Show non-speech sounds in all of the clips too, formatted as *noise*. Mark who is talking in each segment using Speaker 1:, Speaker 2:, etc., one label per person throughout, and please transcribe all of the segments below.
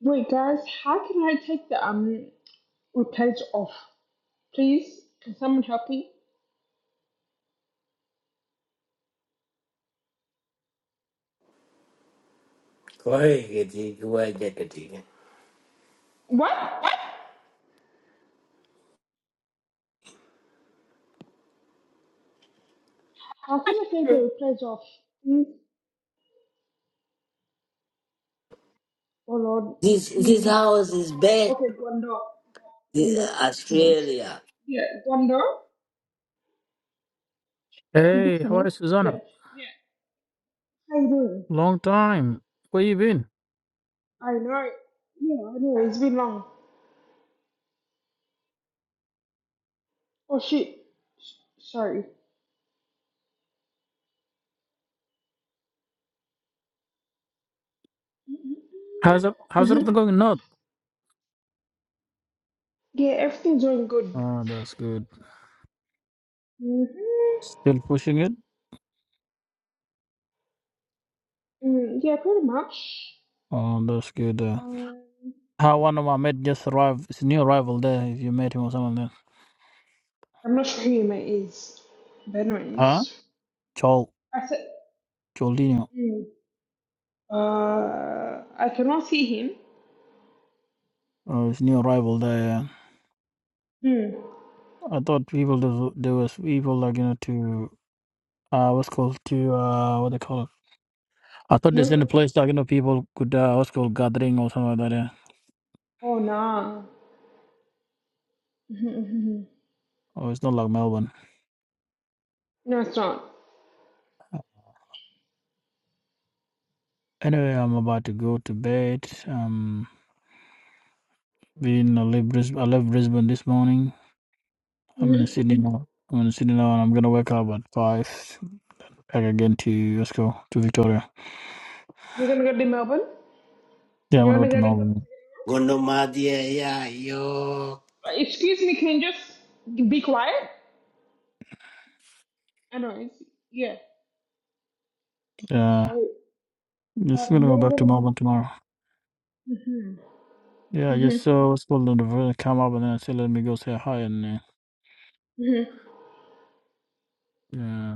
Speaker 1: Wait, guys, how can I take the um replays off? Please, can someone help me?
Speaker 2: This
Speaker 1: What? How can I take the replays off? Hmm? Oh Lord.
Speaker 2: this
Speaker 1: Hmm.
Speaker 2: house is bad.
Speaker 1: Okay, Gwendo.
Speaker 2: This-
Speaker 1: Gwendo. Anyways,
Speaker 2: Australia.
Speaker 1: yeah, Gwendo. Should this
Speaker 3: Hey,
Speaker 1: come
Speaker 3: how are
Speaker 1: on?
Speaker 3: you, Susanna?
Speaker 1: Yep. Yeah. How you doing?
Speaker 3: Long time. Where you been?
Speaker 1: I know. Yeah, I know. It's been long. Oh shit. S- sorry.
Speaker 3: How's it,
Speaker 1: Mm-hmm.
Speaker 3: how's
Speaker 1: Mm-hmm.
Speaker 3: everything going? Not.
Speaker 1: Yeah, everything's going good.
Speaker 3: Oh, that's good.
Speaker 1: Mm-hmm.
Speaker 3: Still pushing it.
Speaker 1: Mm, yeah, pretty much.
Speaker 3: Oh, that's good. Uh,
Speaker 1: Um,
Speaker 3: how one of my mate just arrived. It's a new arrival there. If you met him or something, there.
Speaker 1: I'm not sure who Yuma is. Benno
Speaker 3: huh?
Speaker 1: is.
Speaker 3: Chol
Speaker 1: I said,
Speaker 3: Choldino.
Speaker 1: mm, uh, I cannot see him.
Speaker 3: Oh, it's new arrival there. yeah.
Speaker 1: Mm,
Speaker 3: I thought people there there was people like you know to uh what's called to uh what they call it. I thought
Speaker 1: you
Speaker 3: there's
Speaker 1: know?
Speaker 3: any place like you know people could uh what's called gathering or something like that. Yeah.
Speaker 1: Oh, nah. Mhm, mhm, mhm.
Speaker 3: Oh, it's not like Melbourne.
Speaker 1: no, it's not.
Speaker 3: Anyway, I'm about to go to bed. Um. We in I left Brisbane. I left Brisbane this morning. I'm in
Speaker 1: hmm
Speaker 3: Sydney now. I'm in Sydney now, and I'm gonna wake up at five. Back again to let's go to Victoria.
Speaker 1: You're gonna go to Melbourne?
Speaker 3: Yeah, I'm
Speaker 1: You're
Speaker 3: gonna go
Speaker 1: gonna
Speaker 3: to
Speaker 1: go to
Speaker 3: Melbourne.
Speaker 2: Gondomadia, yeah, yo.
Speaker 1: Uh, Excuse me, can you just be quiet? I know, it's, yeah.
Speaker 3: Yeah,
Speaker 1: So, uh,
Speaker 3: just gonna
Speaker 1: you're
Speaker 3: go
Speaker 1: gonna
Speaker 3: back to
Speaker 1: go to
Speaker 3: Melbourne tomorrow.
Speaker 1: Mm-hmm.
Speaker 3: Yeah, I just
Speaker 1: Mm-hmm.
Speaker 3: saw what's called on the version come up, and then I said, let me go say hi and. Uh,
Speaker 1: Mm-hmm.
Speaker 3: yeah,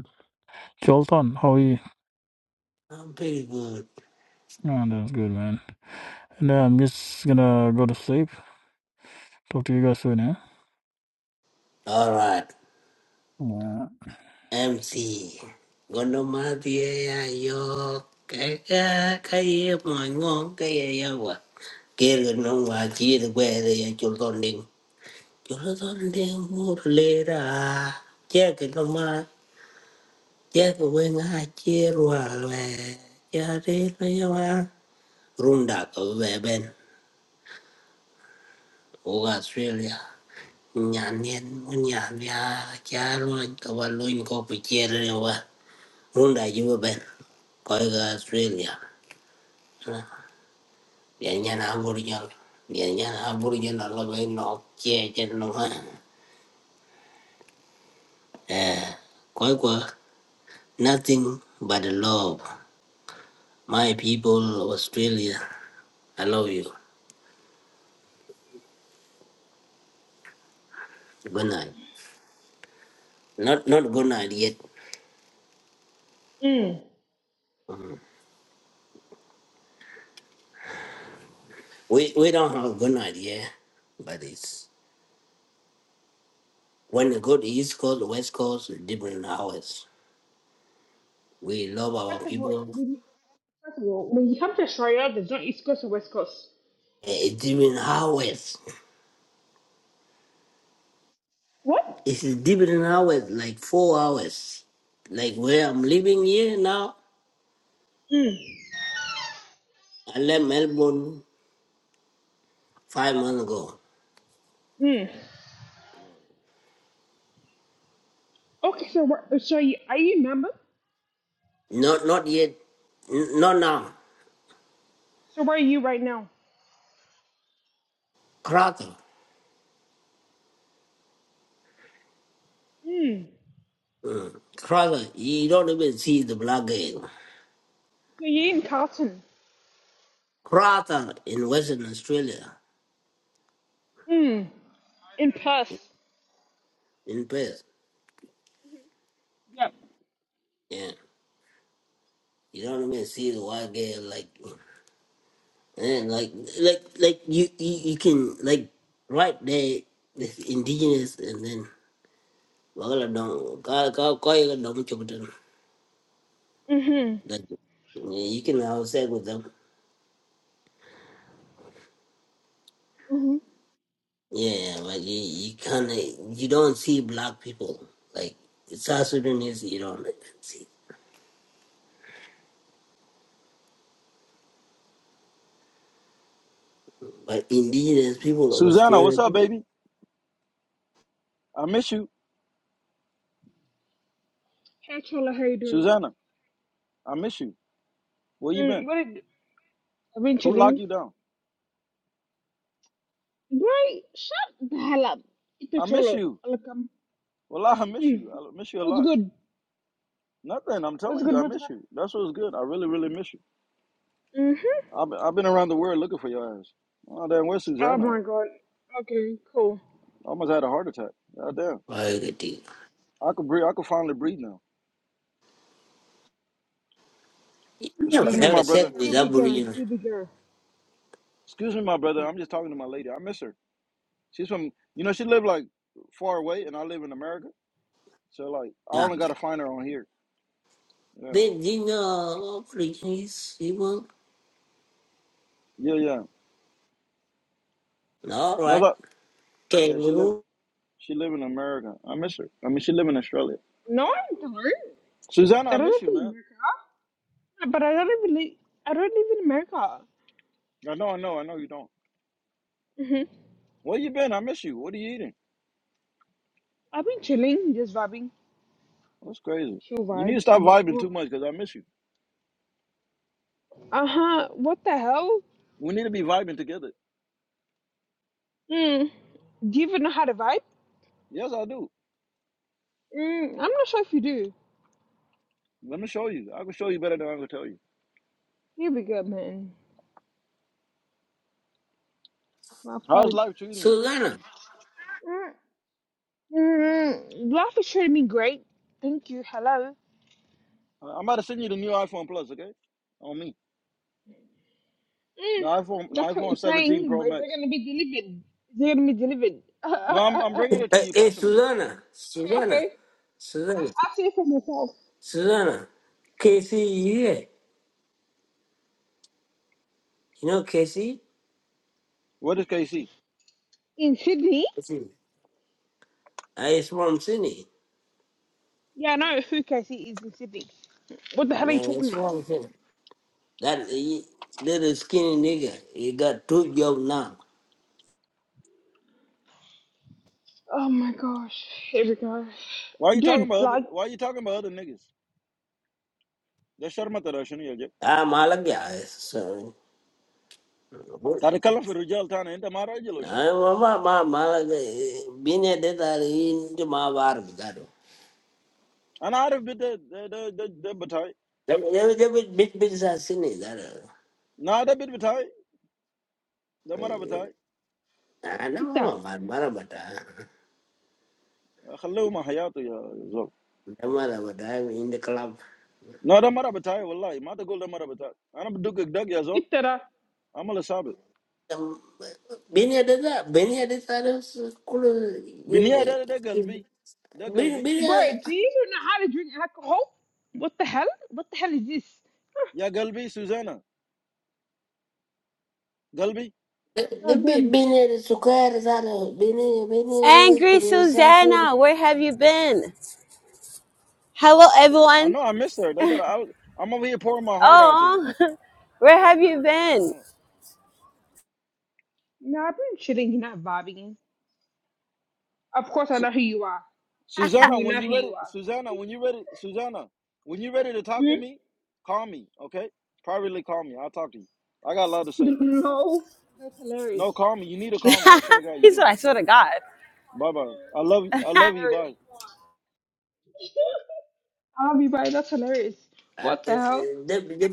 Speaker 3: Jolton, how are you?
Speaker 2: I'm pretty good.
Speaker 3: Oh, that's good, man. And uh, I'm just gonna go to sleep. Talk to you guys soon, eh?
Speaker 2: All right.
Speaker 3: Yeah.
Speaker 2: MC. Gondomadia, yeah, yo. Kaya, kaya, my ngong, kaya, yawa. Kaya, no, I see the weather, yeah, you're running. You're running, more later. Jack, no, ma. Jack, when I cheer, well, yeah, they, runda ka Ben, o Australia nyanien nyanya chalo ka walun ko pichere wa runda ju ben ko ga Australia ya nyana aboriginal ya nyana aboriginal lo ben no che che no ha eh ko ko nothing but the love my people of Australia I love you. Good night. Not not good night yet.
Speaker 1: Mm.
Speaker 2: We we don't have good night yet, but it's When you go to East Coast, West Coast, different hours. We love our
Speaker 1: First of all,
Speaker 2: people.
Speaker 1: when you, first of all, when you come to Australia, there's not East Coast or West Coast.
Speaker 2: It's different hours.
Speaker 1: What?
Speaker 2: It's different hours, like four hours. Like where I'm living here now,
Speaker 1: Mm.
Speaker 2: I left Melbourne five months ago.
Speaker 1: Mm. Okay, so where, so you, are you a member?
Speaker 2: Not not yet, n- not now.
Speaker 1: So where are you right now?
Speaker 2: Crater.
Speaker 1: Hmm.
Speaker 2: Mm. Crater, you don't even see the black girl.
Speaker 1: So you in Carlton?
Speaker 2: Crater in Western Australia,
Speaker 1: Hmm. In Perth?
Speaker 2: in Perth.
Speaker 1: Yep.
Speaker 2: Yeah. You don't even see the white girl like And like, like, like you, you, you can like right there, this indigenous, and then wala dong, ka ka ka yung dong them.
Speaker 1: Mm-hmm.
Speaker 2: Like yeah, you can outside with them.
Speaker 1: Mm-hmm.
Speaker 2: Yeah, but you, you kind of you don't see black people like South Sudanese. You don't see, but indigenous people of
Speaker 4: Susanna, what's
Speaker 2: Australia.
Speaker 4: up, baby? I miss you.
Speaker 1: Hey, Chola, how you doing?
Speaker 4: Susanna, I miss you. Where you
Speaker 1: Mm,
Speaker 4: been?
Speaker 1: what did... I've been
Speaker 4: Who locked
Speaker 1: chilling.
Speaker 4: you down?
Speaker 1: Why? Shut the hell up. It's a
Speaker 4: I miss
Speaker 1: Cholo.
Speaker 4: you.
Speaker 1: I'll come.
Speaker 4: Well, *laughs* I miss
Speaker 1: Mm.
Speaker 4: you. I miss you a
Speaker 1: What's
Speaker 4: lot.
Speaker 1: good?
Speaker 4: Nothing. I'm
Speaker 1: What's
Speaker 4: telling you,
Speaker 1: good?
Speaker 4: I
Speaker 1: What's
Speaker 4: miss you.
Speaker 1: good?
Speaker 4: That's what's good. I really, really miss you.
Speaker 1: Mm-hmm.
Speaker 4: I've been, I've been around the world looking for your ass. Oh damn, where's
Speaker 1: Oh
Speaker 4: Susanna? At?
Speaker 1: my god. Okay, cool.
Speaker 4: I almost had a heart attack. God damn.
Speaker 2: I get it.
Speaker 4: I could breathe. I could finally breathe now.
Speaker 2: You never
Speaker 4: Excuse me,
Speaker 2: have
Speaker 4: my
Speaker 2: a
Speaker 4: brother.
Speaker 2: sex
Speaker 1: Here
Speaker 2: with
Speaker 1: we go.
Speaker 2: Aboriginal.
Speaker 1: Here we go.
Speaker 4: Excuse me, my brother. I'm just talking to my lady. I miss her. She's from. You know, she live like far away, and I live in America. So like, I
Speaker 2: Yeah,
Speaker 4: only gotta find her on here. Yeah.
Speaker 2: they you know Aborigines people.
Speaker 4: Yeah. Yeah.
Speaker 2: All right,
Speaker 4: That's Yeah, she live
Speaker 2: kangaroo.
Speaker 4: she live in America. I miss her. I mean, she live in Australia.
Speaker 1: No, I don't.
Speaker 4: Susanna,
Speaker 1: I
Speaker 4: I
Speaker 1: don't
Speaker 4: miss you,
Speaker 1: live in
Speaker 4: man.
Speaker 1: America. But I don't even live... I don't live in
Speaker 4: I know, I know, I know you don't.
Speaker 1: America.
Speaker 4: Where you been? I miss you. What are you eating?
Speaker 1: I've been chilling, just vibing,
Speaker 4: That's crazy.
Speaker 1: chill
Speaker 4: You need to
Speaker 1: vibes,
Speaker 4: stop vibing
Speaker 1: whatnot.
Speaker 4: too much because I miss you.
Speaker 1: Uh huh. What the hell?
Speaker 4: We need to be vibing together.
Speaker 1: Hmm. Do you even know how to vibe?
Speaker 4: Yes, I do.
Speaker 1: Mm, I'm not sure if you do.
Speaker 4: Let me show you. I can show you better than I can tell you.
Speaker 1: Here we go, man. My
Speaker 4: How's
Speaker 1: father.
Speaker 4: life treating you?
Speaker 2: Susana,
Speaker 1: Mm, mm, life is treating me great. Thank you. Hello.
Speaker 4: I- I'm about to send you the new iPhone Plus, okay? On me,
Speaker 1: Mm,
Speaker 4: the iPhone
Speaker 1: that's what you're
Speaker 4: iPhone 17
Speaker 1: saying,
Speaker 4: Pro
Speaker 1: but is it
Speaker 4: Max.
Speaker 1: gonna be delivered? Is it gonna be delivered?
Speaker 4: No, I'm I'm
Speaker 1: *laughs*
Speaker 4: bringing it to
Speaker 2: eh,
Speaker 4: you
Speaker 1: yeah.
Speaker 2: eh,
Speaker 4: personally.
Speaker 2: Susana, Susana,
Speaker 1: Okay.
Speaker 2: Susana,
Speaker 1: I'll say it for myself.
Speaker 2: Susana, Casey, you You know Casey?
Speaker 4: What is KC?
Speaker 1: In Sydney?
Speaker 2: Casey. Uh, it's from Sydney.
Speaker 1: Yeah, I know who Casey is in Sydney. What the hell are you
Speaker 2: Yeah, it's
Speaker 1: talking about?
Speaker 2: from Sydney. That he, little skinny nigga, he got two jobs now.
Speaker 1: Oh my gosh. Here we go.
Speaker 4: Why are you talking
Speaker 1: Dude,
Speaker 4: about other?
Speaker 1: like,
Speaker 4: Why are you talking about other niggas? They shut That's
Speaker 2: I'm Malaga, so.
Speaker 4: قاعد اتكلم في الرجال تاني، انت ما راجل وشنو؟
Speaker 2: I'm my my Malaga. Been a dead are into my bar. That.
Speaker 4: انا عارف ده ده ده ده, ده بتاعي،
Speaker 2: They were bit bit bit as Sydney. That.
Speaker 4: لا ده بيت بتاعي، ده مرة بتاعي،
Speaker 2: I
Speaker 1: get that.
Speaker 2: know my mother, but.
Speaker 4: خليه مع حياته يا زول.
Speaker 2: Namara Vadam in the club.
Speaker 4: لا ده مرة بتاعي والله، ما تقول ده مرة بتاعي، انا بدقك دق يا زول،
Speaker 1: Get uh,
Speaker 4: عمل صعب.
Speaker 2: Um, Bini ada tak? Bini ada tak ada sekolah in
Speaker 4: بالنهاية
Speaker 2: the
Speaker 4: ده ده قلبي، ده
Speaker 2: Bini
Speaker 4: قلبي،
Speaker 2: Bini
Speaker 1: Bro, do you even know how to drink alcohol? What the hell? What the hell is this?
Speaker 4: يا قلبي سوزانا، قلبي.
Speaker 1: God
Speaker 2: lebih
Speaker 1: damn.
Speaker 2: Bini ada suka ada tak ada Bini Bini ada
Speaker 5: Angry
Speaker 2: perusahaan
Speaker 5: Susanna, where have you been? Hello,
Speaker 4: I
Speaker 5: everyone.
Speaker 4: know I miss her. That's what I. I'm over here pouring my heart out to her.
Speaker 5: Oh, *laughs* where have you been?
Speaker 4: Yeah.
Speaker 1: No, I've been chilling, not vibing in. Of course, I know who you are. Do
Speaker 4: Susanna,
Speaker 1: you
Speaker 4: when
Speaker 1: know who
Speaker 4: you ready,
Speaker 1: you are? Thank
Speaker 4: Susanna,
Speaker 1: you.
Speaker 4: when you ready, Susanna, when you ready to talk to
Speaker 1: Hmm?
Speaker 4: me, call me, okay? Privately call me. I'll talk to you. I got a lot to say.
Speaker 1: *laughs* No. That's hilarious.
Speaker 4: No, call me. You need to
Speaker 5: *laughs*
Speaker 4: call me. I swear to God, you
Speaker 5: he said,
Speaker 4: do.
Speaker 5: I swear to God.
Speaker 4: Bye bye. I love you.
Speaker 1: Mm,
Speaker 4: I
Speaker 1: That's
Speaker 4: love you. Bye.
Speaker 1: hilarious. *laughs* I'll be right. That's hilarious.
Speaker 2: Ah,
Speaker 1: What the
Speaker 2: eh,
Speaker 1: hell?
Speaker 2: eh, dia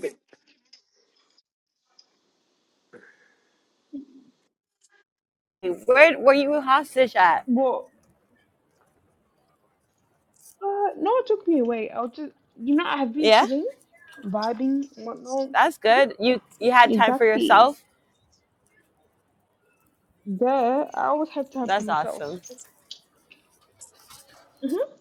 Speaker 5: Where were you hostage at?
Speaker 1: Well, uh, no one took me away. I'll just, you know, I've been
Speaker 5: Yeah,
Speaker 1: chilling, vibing, whatnot.
Speaker 5: that's good. You you had time for
Speaker 1: Exactly.
Speaker 5: yourself.
Speaker 1: There, I always have time for
Speaker 5: That's awesome.
Speaker 1: myself. Mm-hmm.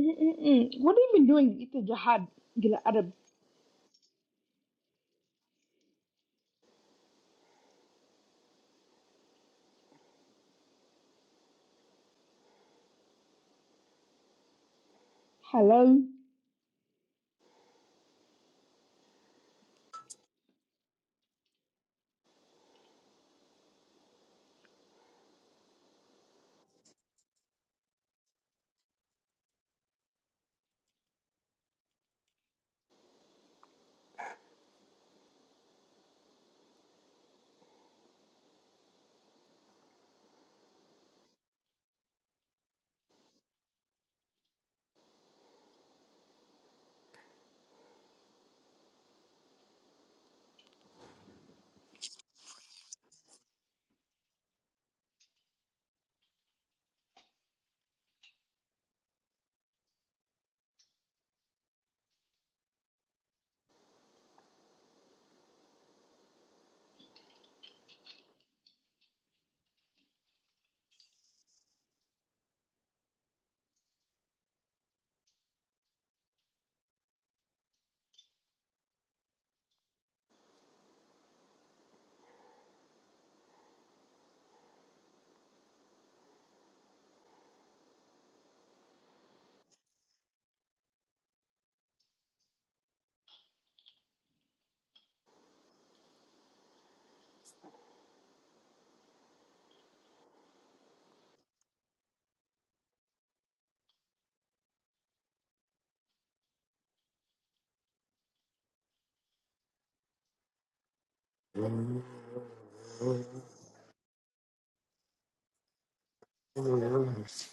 Speaker 1: Mm-mm-mm. What have you been doing? It's a jihad. Gila Arab. Hello.
Speaker 2: dia